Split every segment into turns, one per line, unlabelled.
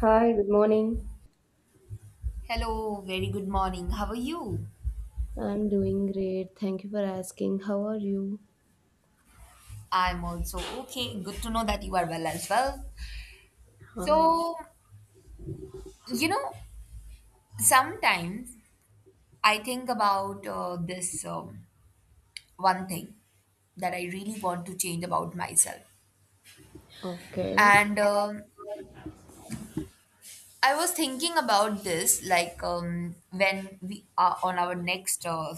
Hi, good morning.
Hello, very good morning. How are you?
I'm doing great. Thank you for asking. How are you?
I'm also okay. Good to know that you are well as well.
Uh,
So, you know, sometimes I think about this one thing that I really want to change about myself.
okay.
And I was thinking about this like when we are on our next uh,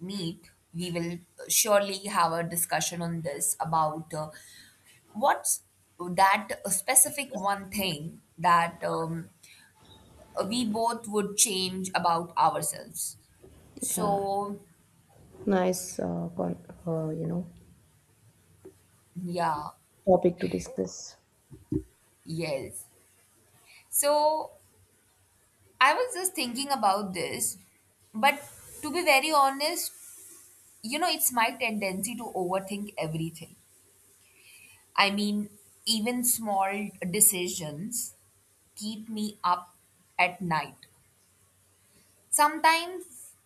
meet, we will surely have a discussion on this about what's that specific one thing that we both would change about ourselves?
Yeah,
So,
nice,
yeah,
topic to discuss.
yes. So, I was just thinking about this, but to be very honest, it's my tendency to overthink everything. I mean, even small decisions keep me up at night. Sometimes,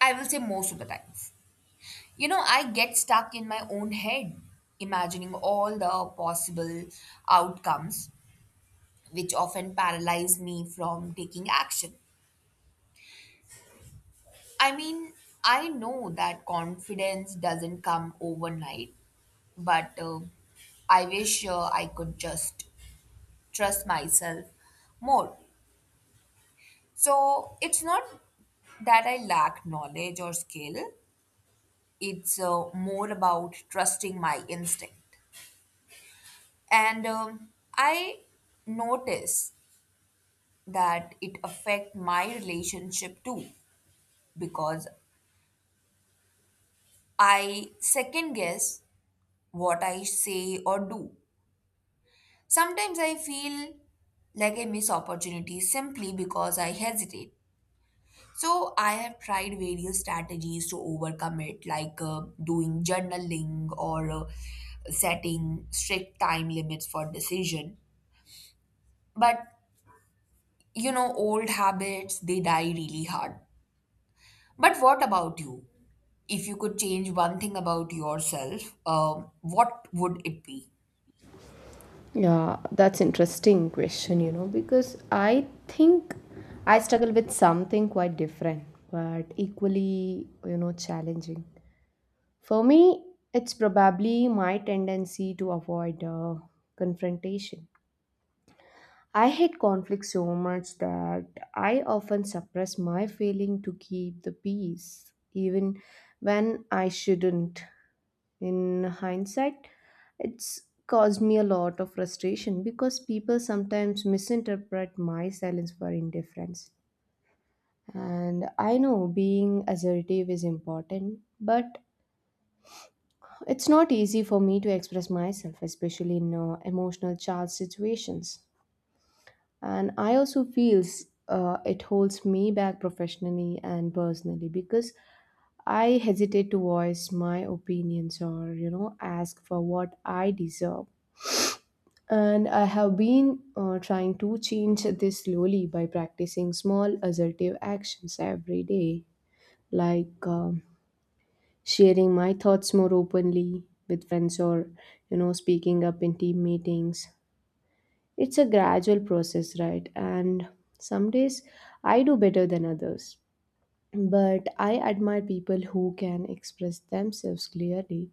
I will say most of the time. I get stuck in my own head, imagining all the possible outcomes, which often paralyze me from taking action. I mean, I know that confidence doesn't come overnight, but I wish I could just trust myself more. So it's not that I lack knowledge or skill, it's more about trusting my instinct. And I notice that it affect my relationship too, because I second guess what I say or do. Sometimes I feel like I miss opportunities simply because I hesitate. So I have tried various strategies to overcome it, like doing journaling or setting strict time limits for decision, but old habits, they die really hard. But what about you? If you could change one thing about yourself, what would it be?
Yeah, that's interesting question, you know, because I think I struggle with something quite different, but equally, you know, challenging. For me, it's probably my tendency to avoid confrontation. I hate conflict so much that I often suppress my feeling to keep the peace, even when I shouldn't. In hindsight, it's caused me a lot of frustration because people sometimes misinterpret my silence for indifference. And I know being assertive is important, but it's not easy for me to express myself, especially in emotional charged situations. And I also feels it holds me back professionally and personally because I hesitate to voice my opinions or, you know, ask for what I deserve. And I have been trying to change this slowly by practicing small assertive actions every day, like sharing my thoughts more openly with friends or, you know, speaking up in team meetings. It's a gradual process, right? And some days I do better than others. But I admire people who can express themselves clearly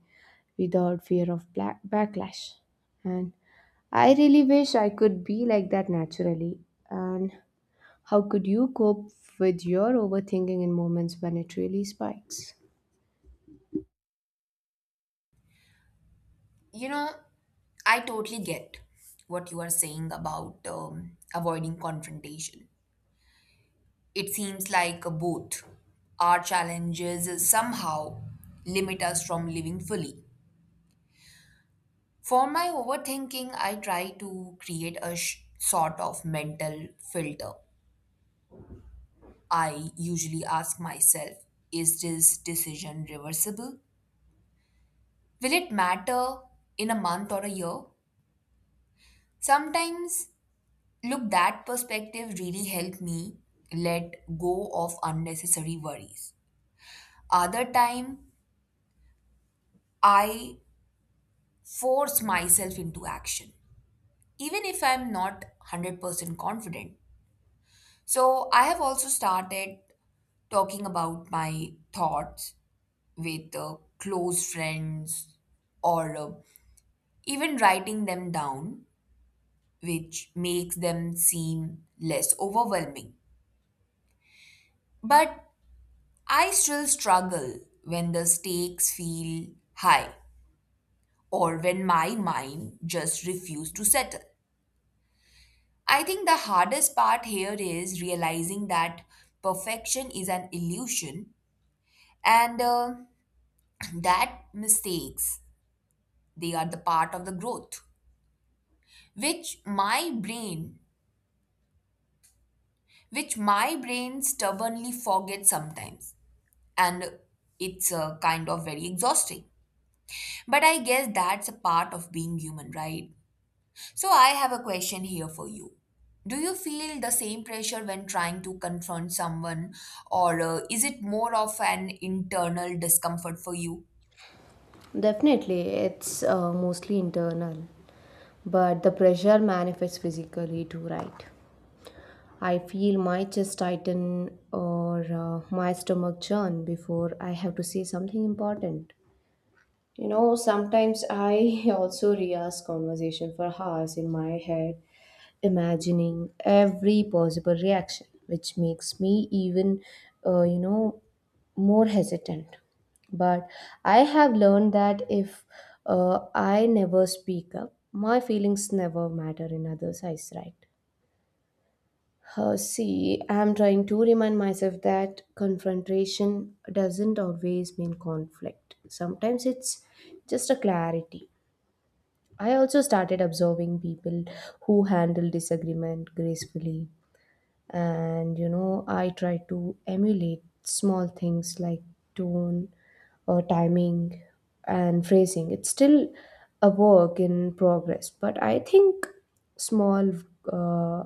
without fear of black backlash. And I really wish I could be like that naturally. And how could you cope with your overthinking in moments when it really spikes?
You know, I totally get what you are saying about avoiding confrontation. It seems like both our challenges somehow limit us from living fully. For my overthinking, I try to create a sort of mental filter. I usually ask myself, is this decision reversible? Will it matter in a month or a year? Sometimes, look, that perspective really helped me let go of unnecessary worries. Other time, I force myself into action, even if I'm not 100% confident. So, I have also started talking about my thoughts with close friends or even writing them down, which makes them seem less overwhelming. But I still struggle when the stakes feel high or when my mind just refuses to settle. I think the hardest part here is realizing that perfection is an illusion, and that mistakes, they are the part of the growth, which my brain stubbornly forgets sometimes, and it's a kind of very exhausting. But I guess that's a part of being human, right? So I have a question here for you. Do you feel the same pressure when trying to confront someone, or is it more of an internal discomfort for you?
Definitely, it's mostly internal, but the pressure manifests physically too, right? I feel my chest tighten or my stomach churn before I have to say something important. You know, sometimes I also re-ask conversation for hours in my head, imagining every possible reaction, which makes me uh, you know, more hesitant. But I have learned that if I never speak up, my feelings never matter in others' eyes, right? See, I'm trying to remind myself that confrontation doesn't always mean conflict. Sometimes it's just a clarity. I also started observing people who handle disagreement gracefully. And, you know, I try to emulate small things like tone or timing and phrasing. It's still a work in progress, but I think small. Uh,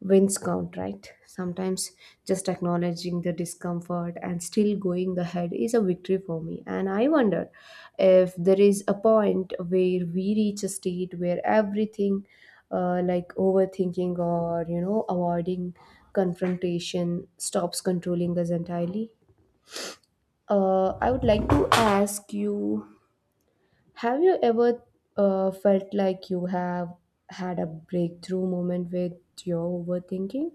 Wins count, right? Sometimes just acknowledging the discomfort and still going ahead is a victory for me. And I wonder if there is a point where we reach a state where everything, like overthinking or, you know, avoiding confrontation, stops controlling us entirely. I would like to ask you, have you ever felt like you have had a breakthrough moment with your overthinking?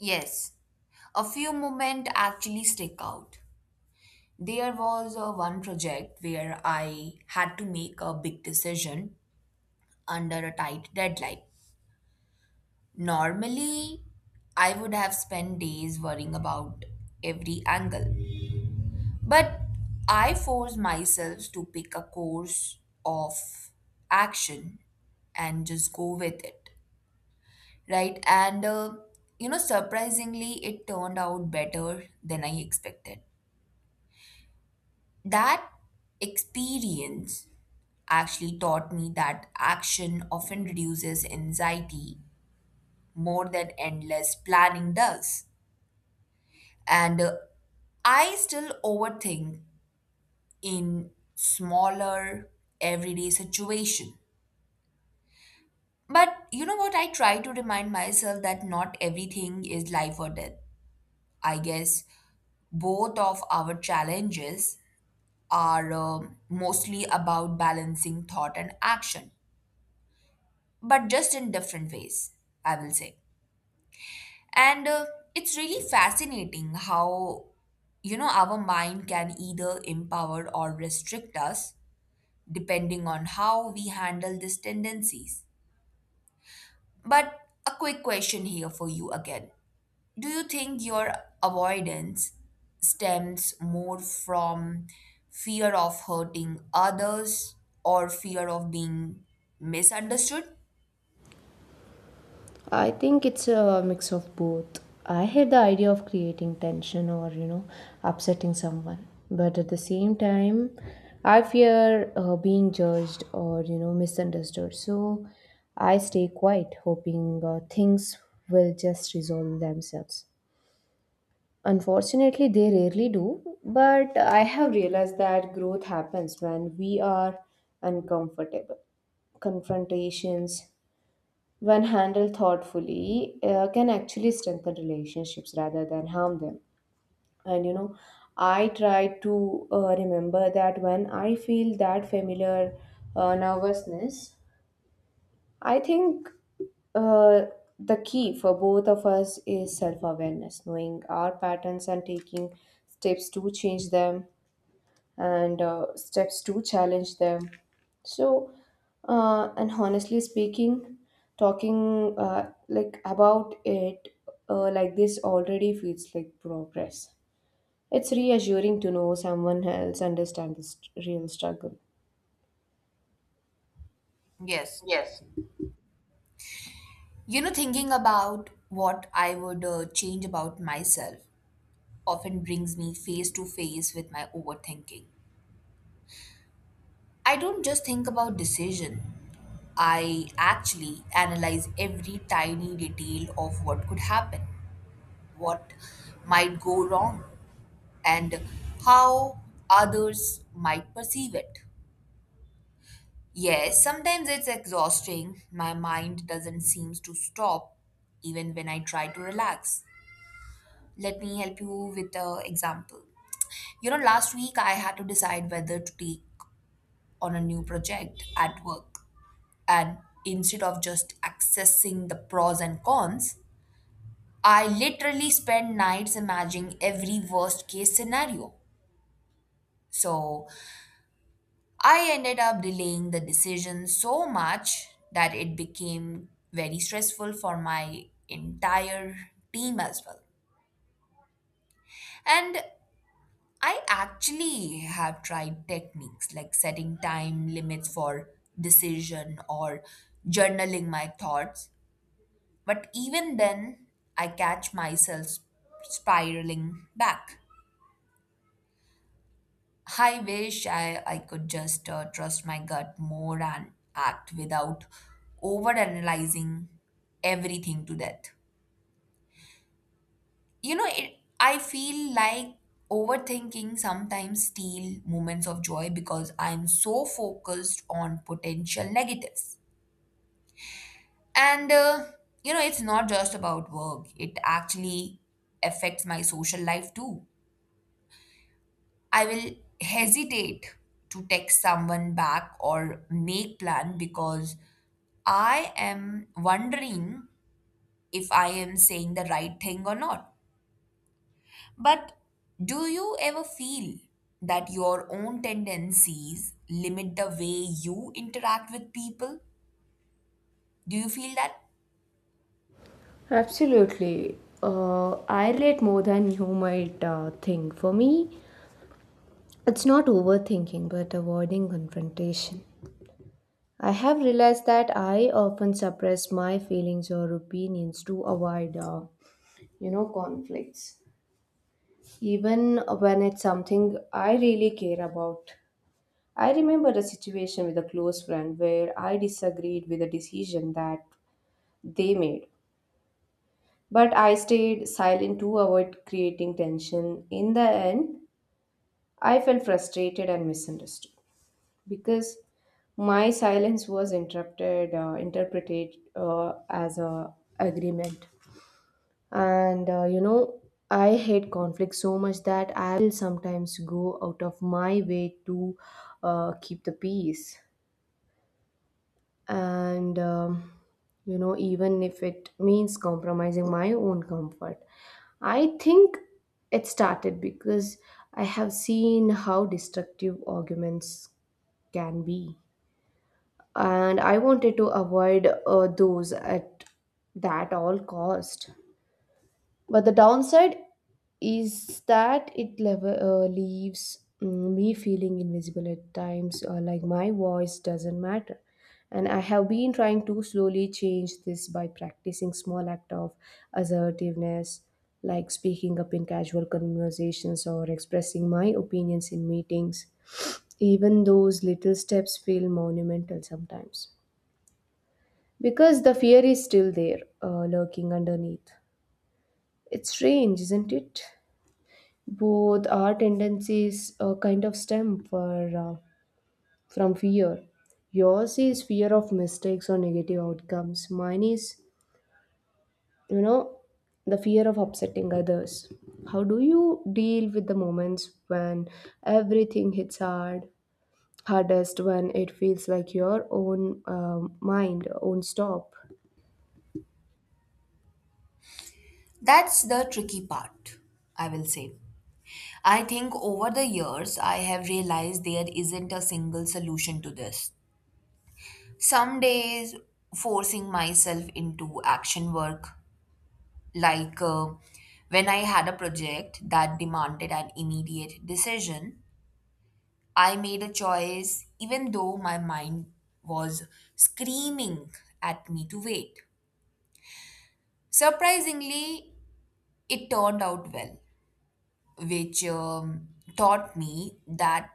Yes, a few moments actually stick out. There was one project where I had to make a big decision under a tight deadline. Normally, I would have spent days worrying about every angle. But I forced myself to pick a course of action and just go with it. Right? And, surprisingly, it turned out better than I expected. That experience actually taught me that action often reduces anxiety more than endless planning does. And I still overthink in smaller everyday situation. But you know what? I try to remind myself that not everything is life or death. I guess both of our challenges are mostly about balancing thought and action, but just in different ways, I will say. And it's really fascinating how our mind can either empower or restrict us depending on how we handle these tendencies. But a quick question here for you again. Do you think your avoidance stems more from fear of hurting others or fear of being misunderstood?
I think it's a mix of both. I hate the idea of creating tension or, you know, upsetting someone. But at the same time, I fear being judged or, you know, misunderstood. So I stay quiet, hoping things will just resolve themselves. Unfortunately, they rarely do. But I have realized that growth happens when we are uncomfortable. Confrontations, when handled thoughtfully, can actually strengthen relationships rather than harm them. And, you know, I try to remember that when I feel that familiar nervousness, I think uh, the key for both of us is self awareness, knowing our patterns and taking steps to change them and steps to challenge them. So and honestly speaking, talking like about it like this already feels like progress. It's reassuring to know someone else understands the real struggle.
Yes. You know, thinking about what I would change about myself often brings me face to face with my overthinking. I don't just think about decision. I actually analyze every tiny detail of what could happen, what might go wrong, and how others might perceive it. Yes, sometimes it's exhausting. My mind doesn't seem to stop even when I try to relax. Let me help you with an example. You know, last week I had to decide whether to take on a new project at work. And instead of just accessing the pros and cons, I literally spend nights imagining every worst case scenario. So I ended up delaying the decision so much that it became very stressful for my entire team as well. And I actually have tried techniques like setting time limits for decision or journaling my thoughts. But even then, I catch myself spiraling back. I wish I could just trust my gut more and act without overanalyzing everything to death. I feel like overthinking sometimes steal moments of joy because I'm so focused on potential negatives. And, it's not just about work, it actually affects my social life too. I will hesitate to text someone back or make plan because I am wondering if I am saying the right thing or not. But do you ever feel that your own tendencies limit the way you interact with people? Do you feel that?
Absolutely. I relate more than you might think. For me, it's not overthinking but avoiding confrontation. I have realized that I often suppress my feelings or opinions to avoid, you know, conflicts, even when it's something I really care about. I remember a situation with a close friend where I disagreed with a decision that they made, but I stayed silent to avoid creating tension. In the end, I felt frustrated and misunderstood, because my silence was interrupted interpreted as a agreement. And, you know, I hate conflict so much that I will sometimes go out of my way to keep the peace, and you know, even if it means compromising my own comfort. I think it started because I have seen how destructive arguments can be, and I wanted to avoid those at that all cost. But the downside is that it leaves me feeling invisible at times, or like my voice doesn't matter. And I have been trying to slowly change this by practicing small act of assertiveness, like speaking up in casual conversations or expressing my opinions in meetings. Even those little steps feel monumental sometimes. Because the fear is still there, lurking underneath. It's strange, isn't it? Both our tendencies kind of stem from fear. Yours is fear of mistakes or negative outcomes. Mine is, you know, the fear of upsetting others. How do you deal with the moments when everything hits hard? Hardest when it feels like your own mind won't stop.
That's the tricky part, I will say. I think over the years, I have realized there isn't a single solution to this. Some days, forcing myself into action work, like when I had a project that demanded an immediate decision, I made a choice even though my mind was screaming at me to wait. Surprisingly, it turned out well, which taught me that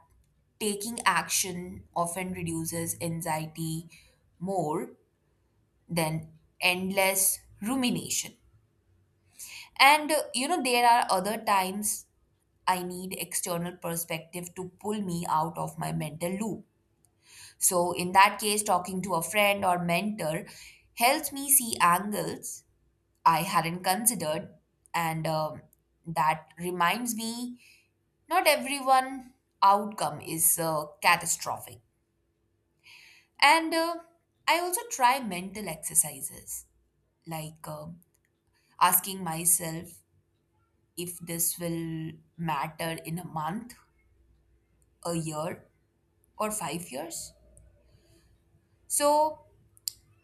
taking action often reduces anxiety more than endless rumination. And there are other times I need external perspective to pull me out of my mental loop. So, in that case, talking to a friend or mentor helps me see angles I hadn't considered. And that reminds me not everyone outcome is catastrophic. And I also try mental exercises like asking myself if this will matter in a month, a year, or 5 years. So,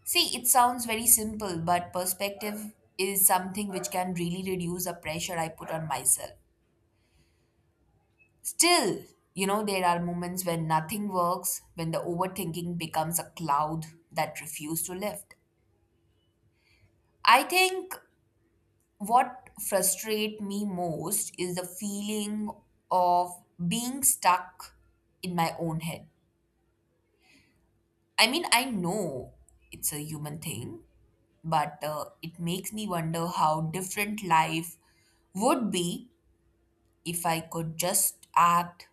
see, it sounds very simple, but perspective is something which can really reduce the pressure I put on myself. Still, there are moments when nothing works, when the overthinking becomes a cloud that refuses to lift. I think what frustrates me most is the feeling of being stuck in my own head. I mean, I know it's a human thing, but it makes me wonder how different life would be if I could just act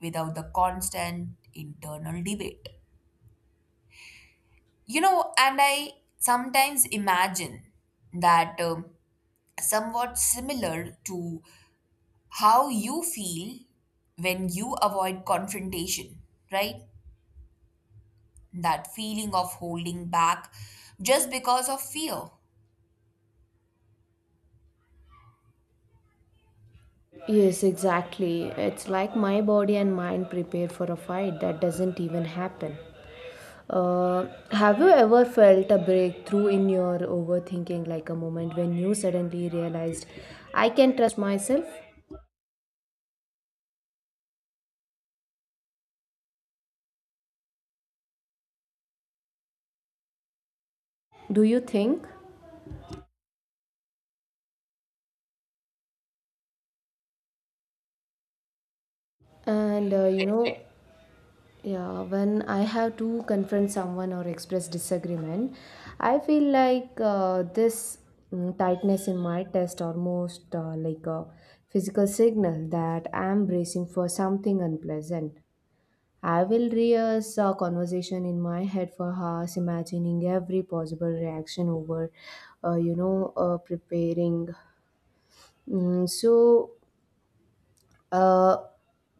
without the constant internal debate. And I sometimes imagine that somewhat similar to how you feel when you avoid confrontation, right? That feeling of holding back just because of fear.
Yes, exactly. It's like my body and mind prepare for a fight that doesn't even happen. Have you ever felt a breakthrough in your overthinking, like a moment when you suddenly realized, I can trust myself? Do you think? And uh, you
Yes.
know, Yeah, when I have to confront someone or express disagreement, I feel like this tightness in my chest, almost like a physical signal that I am bracing for something unpleasant. I will rehearse a conversation in my head for hours, imagining every possible reaction over, preparing. Mm, so uh,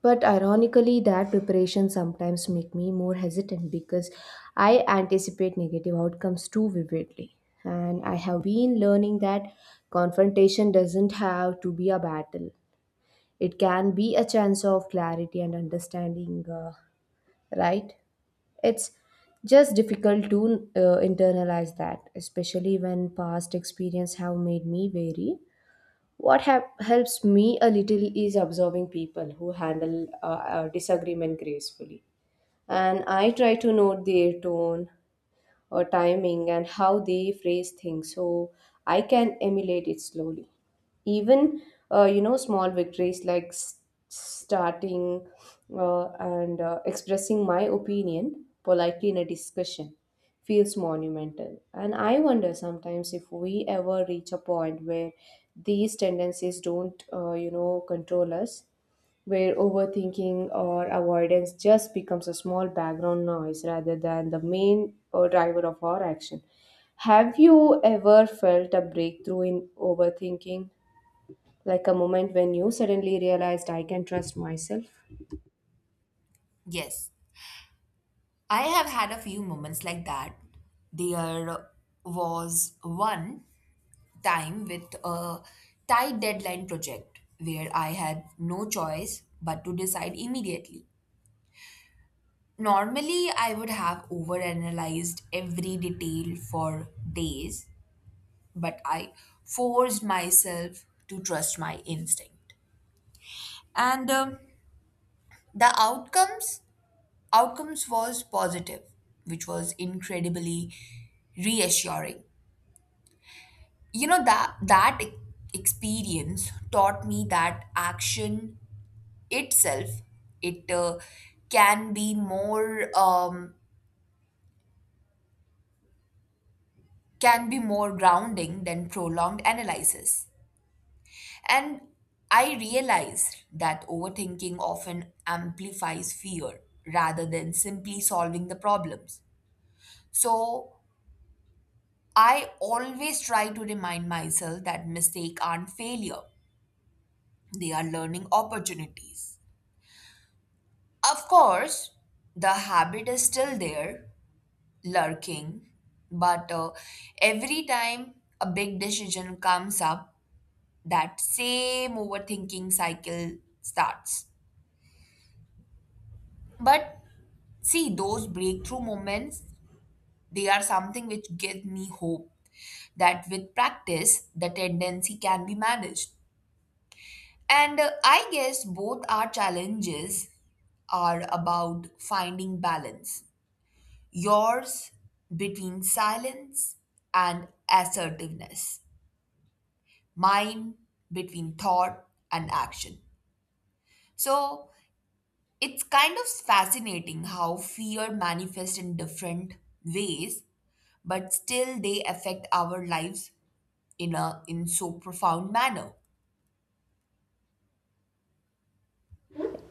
but ironically, that preparation sometimes make me more hesitant because I anticipate negative outcomes too vividly. And I have been learning that confrontation doesn't have to be a battle. It can be a chance of clarity and understanding, right? It's just difficult to internalize that, especially when past experience have made me wary. What hap helps me a little is observing people who handle disagreement gracefully. And I try to note their tone, timing and how they phrase things, so I can emulate it slowly. Even you know, small victories like starting and expressing my opinion politely in a discussion feels monumental. And I wonder sometimes if we ever reach a point where these tendencies don't, you know, control us, where overthinking or avoidance just becomes a small background noise rather than the main driver of our action. Have you ever felt a breakthrough in overthinking? Like a moment when you suddenly realized I can trust myself?
Yes. I have had a few moments like that. There was one time with a tight deadline project where I had no choice but to decide immediately. Normally, I would have overanalyzed every detail for days, but I forced myself to trust my instinct. And the outcomes outcomes was positive, which was incredibly reassuring. you know that that e- Experience taught me that action itself it can be more grounding than prolonged analysis. And I realized that overthinking often amplifies fear rather than simply solving the problems. So I always try to remind myself that mistakes aren't failure, they are learning opportunities. Of course, the habit is still there, lurking, but every time a big decision comes up, that same overthinking cycle starts. But see, those breakthrough moments, they are something which give me hope that with practice, the tendency can be managed. And I guess both our challenges are about finding balance. Yours between silence and assertiveness. Mine between thought and action. So it's kind of fascinating how fear manifests in different ways, but still they affect our lives in so profound manner.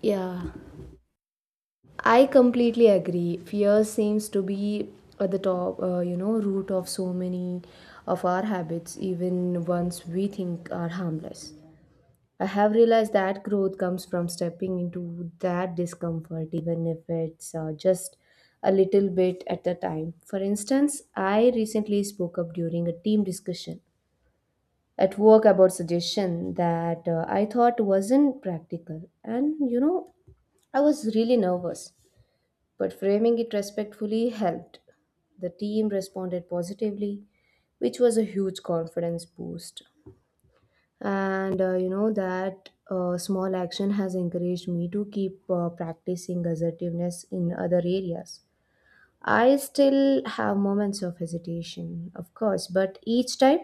Yeah, I completely agree. Fear seems to be at the top, you know, root of so many of our habits, even ones we think are harmless. I have realized that growth comes from stepping into that discomfort, even if it's just a little bit at a time. For instance, I recently spoke up during a team discussion at work about suggestion that I thought wasn't practical, and, you know, I was really nervous. But framing it respectfully helped. The team responded positively, which was a huge confidence boost. And, you know, that small action has encouraged me to keep practicing assertiveness in other areas. I still have moments of hesitation, of course, but each time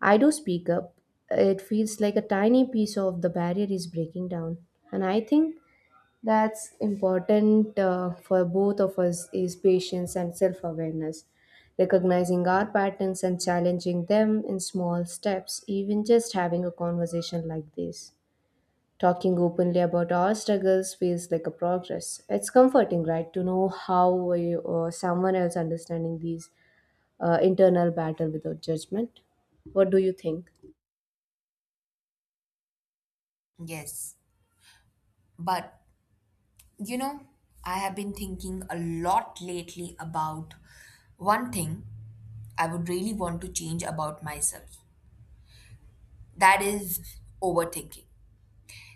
I do speak up, it feels like a tiny piece of the barrier is breaking down. And I think that's important for both of us is patience and self-awareness. Recognizing our patterns and challenging them in small steps, even just having a conversation like this. Talking openly about our struggles feels like a progress. It's comforting, right, to know how we, or someone else understanding these internal battle without judgment. What do you think?
Yes. But you know, I have been thinking a lot lately about one thing I would really want to change about myself. That is overthinking.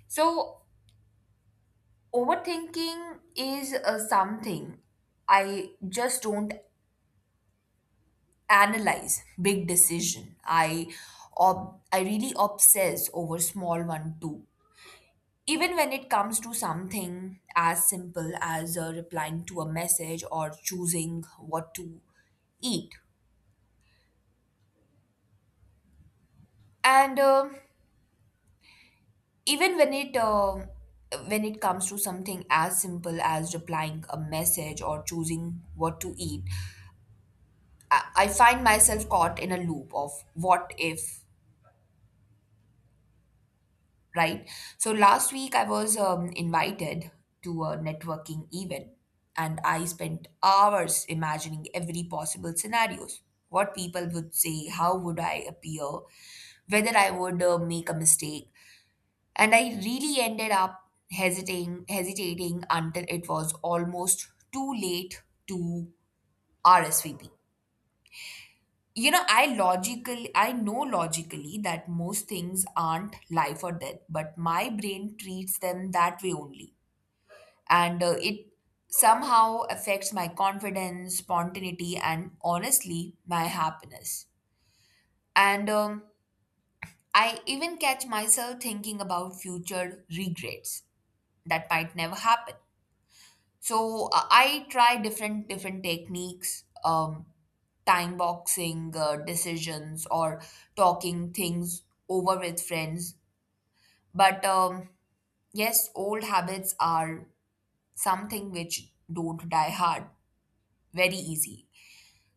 So overthinking is something I just don't analyze big decision. I really obsess over small one too, even when it comes to something as simple as replying to a message or choosing what to eat. And um even when it uh, when it comes to something as simple as replying a message or choosing what to eat, I I find myself caught in a loop of what if, right? So last week I was invited to a networking event, and I spent hours imagining every possible scenarios. What people would say, how would I appear, whether I would make a mistake. And I really ended up hesitating until it was almost too late to RSVP. I know logically that most things aren't life or death, but my brain treats them that way only. And it somehow affects my confidence, spontaneity, and honestly my happiness. And I even catch myself thinking about future regrets that might never happen. So I try different techniques, time boxing decisions or talking things over with friends. But yes, old habits are something which don't die hard very easy.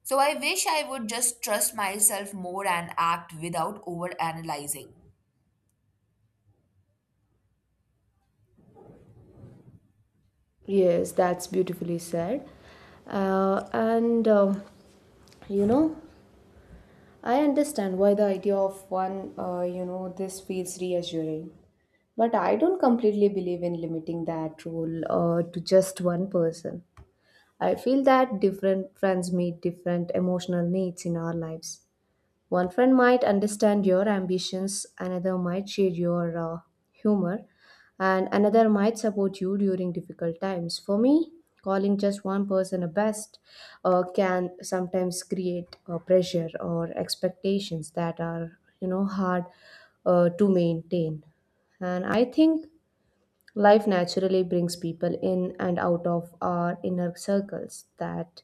So I wish I would just trust myself more and act without over analyzing.
Yes, that's beautifully said. And You know, I understand why the idea of one, you know, this feels reassuring. But I don't completely believe in limiting that role to just one person. I feel that different friends meet different emotional needs in our lives. One friend might understand your ambitions, another might share your humor, and another might support you during difficult times. For me, calling just one person a best can sometimes create pressure or expectations that are, you know, hard to maintain. And I think life naturally brings people in and out of our inner circles. That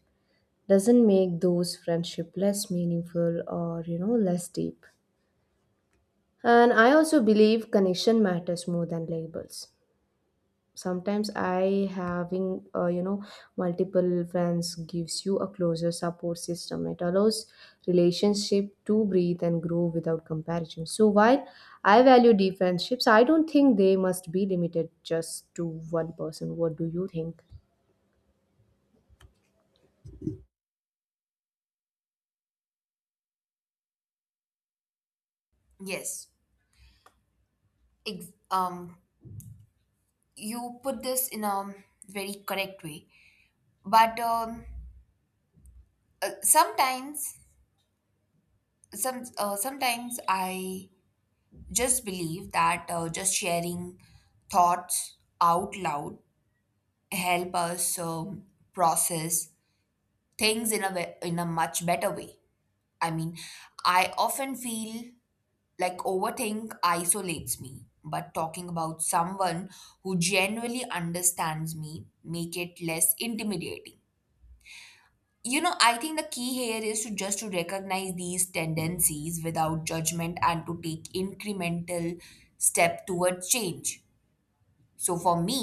doesn't make those friendship less meaningful or, you know, less deep. And I also believe connection matters more than labels. Sometimes I having, you know, multiple friends gives you a closer support system. It allows relationship to breathe and grow without comparison. So while I value deep friendships, I don't think they must be limited just to one person. What do you think?
Yes, ex- um, you put this in a very correct way. But uh, sometimes, sometimes I just believe that just sharing thoughts out loud help us process things in a much better way. I mean, I often feel like overthink isolates me, but talking about someone who genuinely understands me make it less intimidating. You know, I think the key here is to just to recognize these tendencies without judgment and to take incremental step towards change. So for me,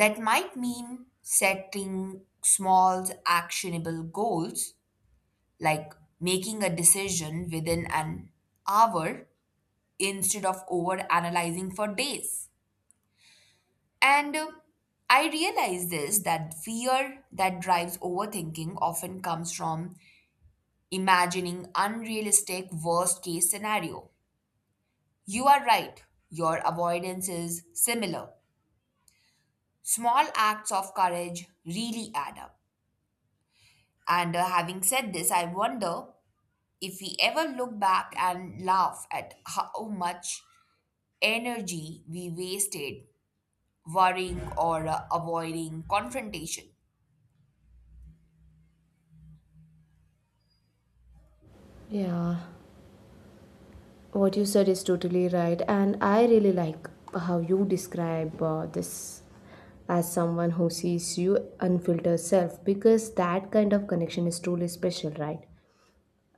that might mean setting small, actionable goals, like making a decision within an hour instead of over analyzing for days. And I realize this that fear that drives overthinking often comes from imagining unrealistic worst case scenario. You are right, your avoidance is similar. Small acts of courage really add up. And having said this, I wonder if we ever look back and laugh at how much energy we wasted worrying or avoiding confrontation.
Yeah What you said is totally right, and I really like how you describe this as someone who sees you unfiltered self, because that kind of connection is truly special, right?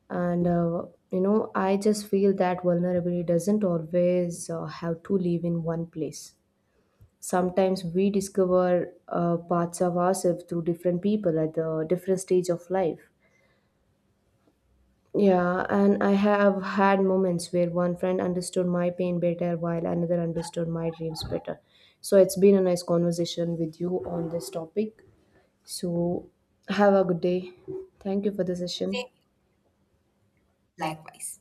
And, you know, I just feel that vulnerability doesn't always have to live in one place. Sometimes we discover parts of ourselves through different people at the different stage of life. Yeah, and I have had moments where one friend understood my pain better while another understood my dreams better. So it's been a nice conversation with you on this topic. So have a good day. Thank you for the session.
Same,
Okay.
likewise.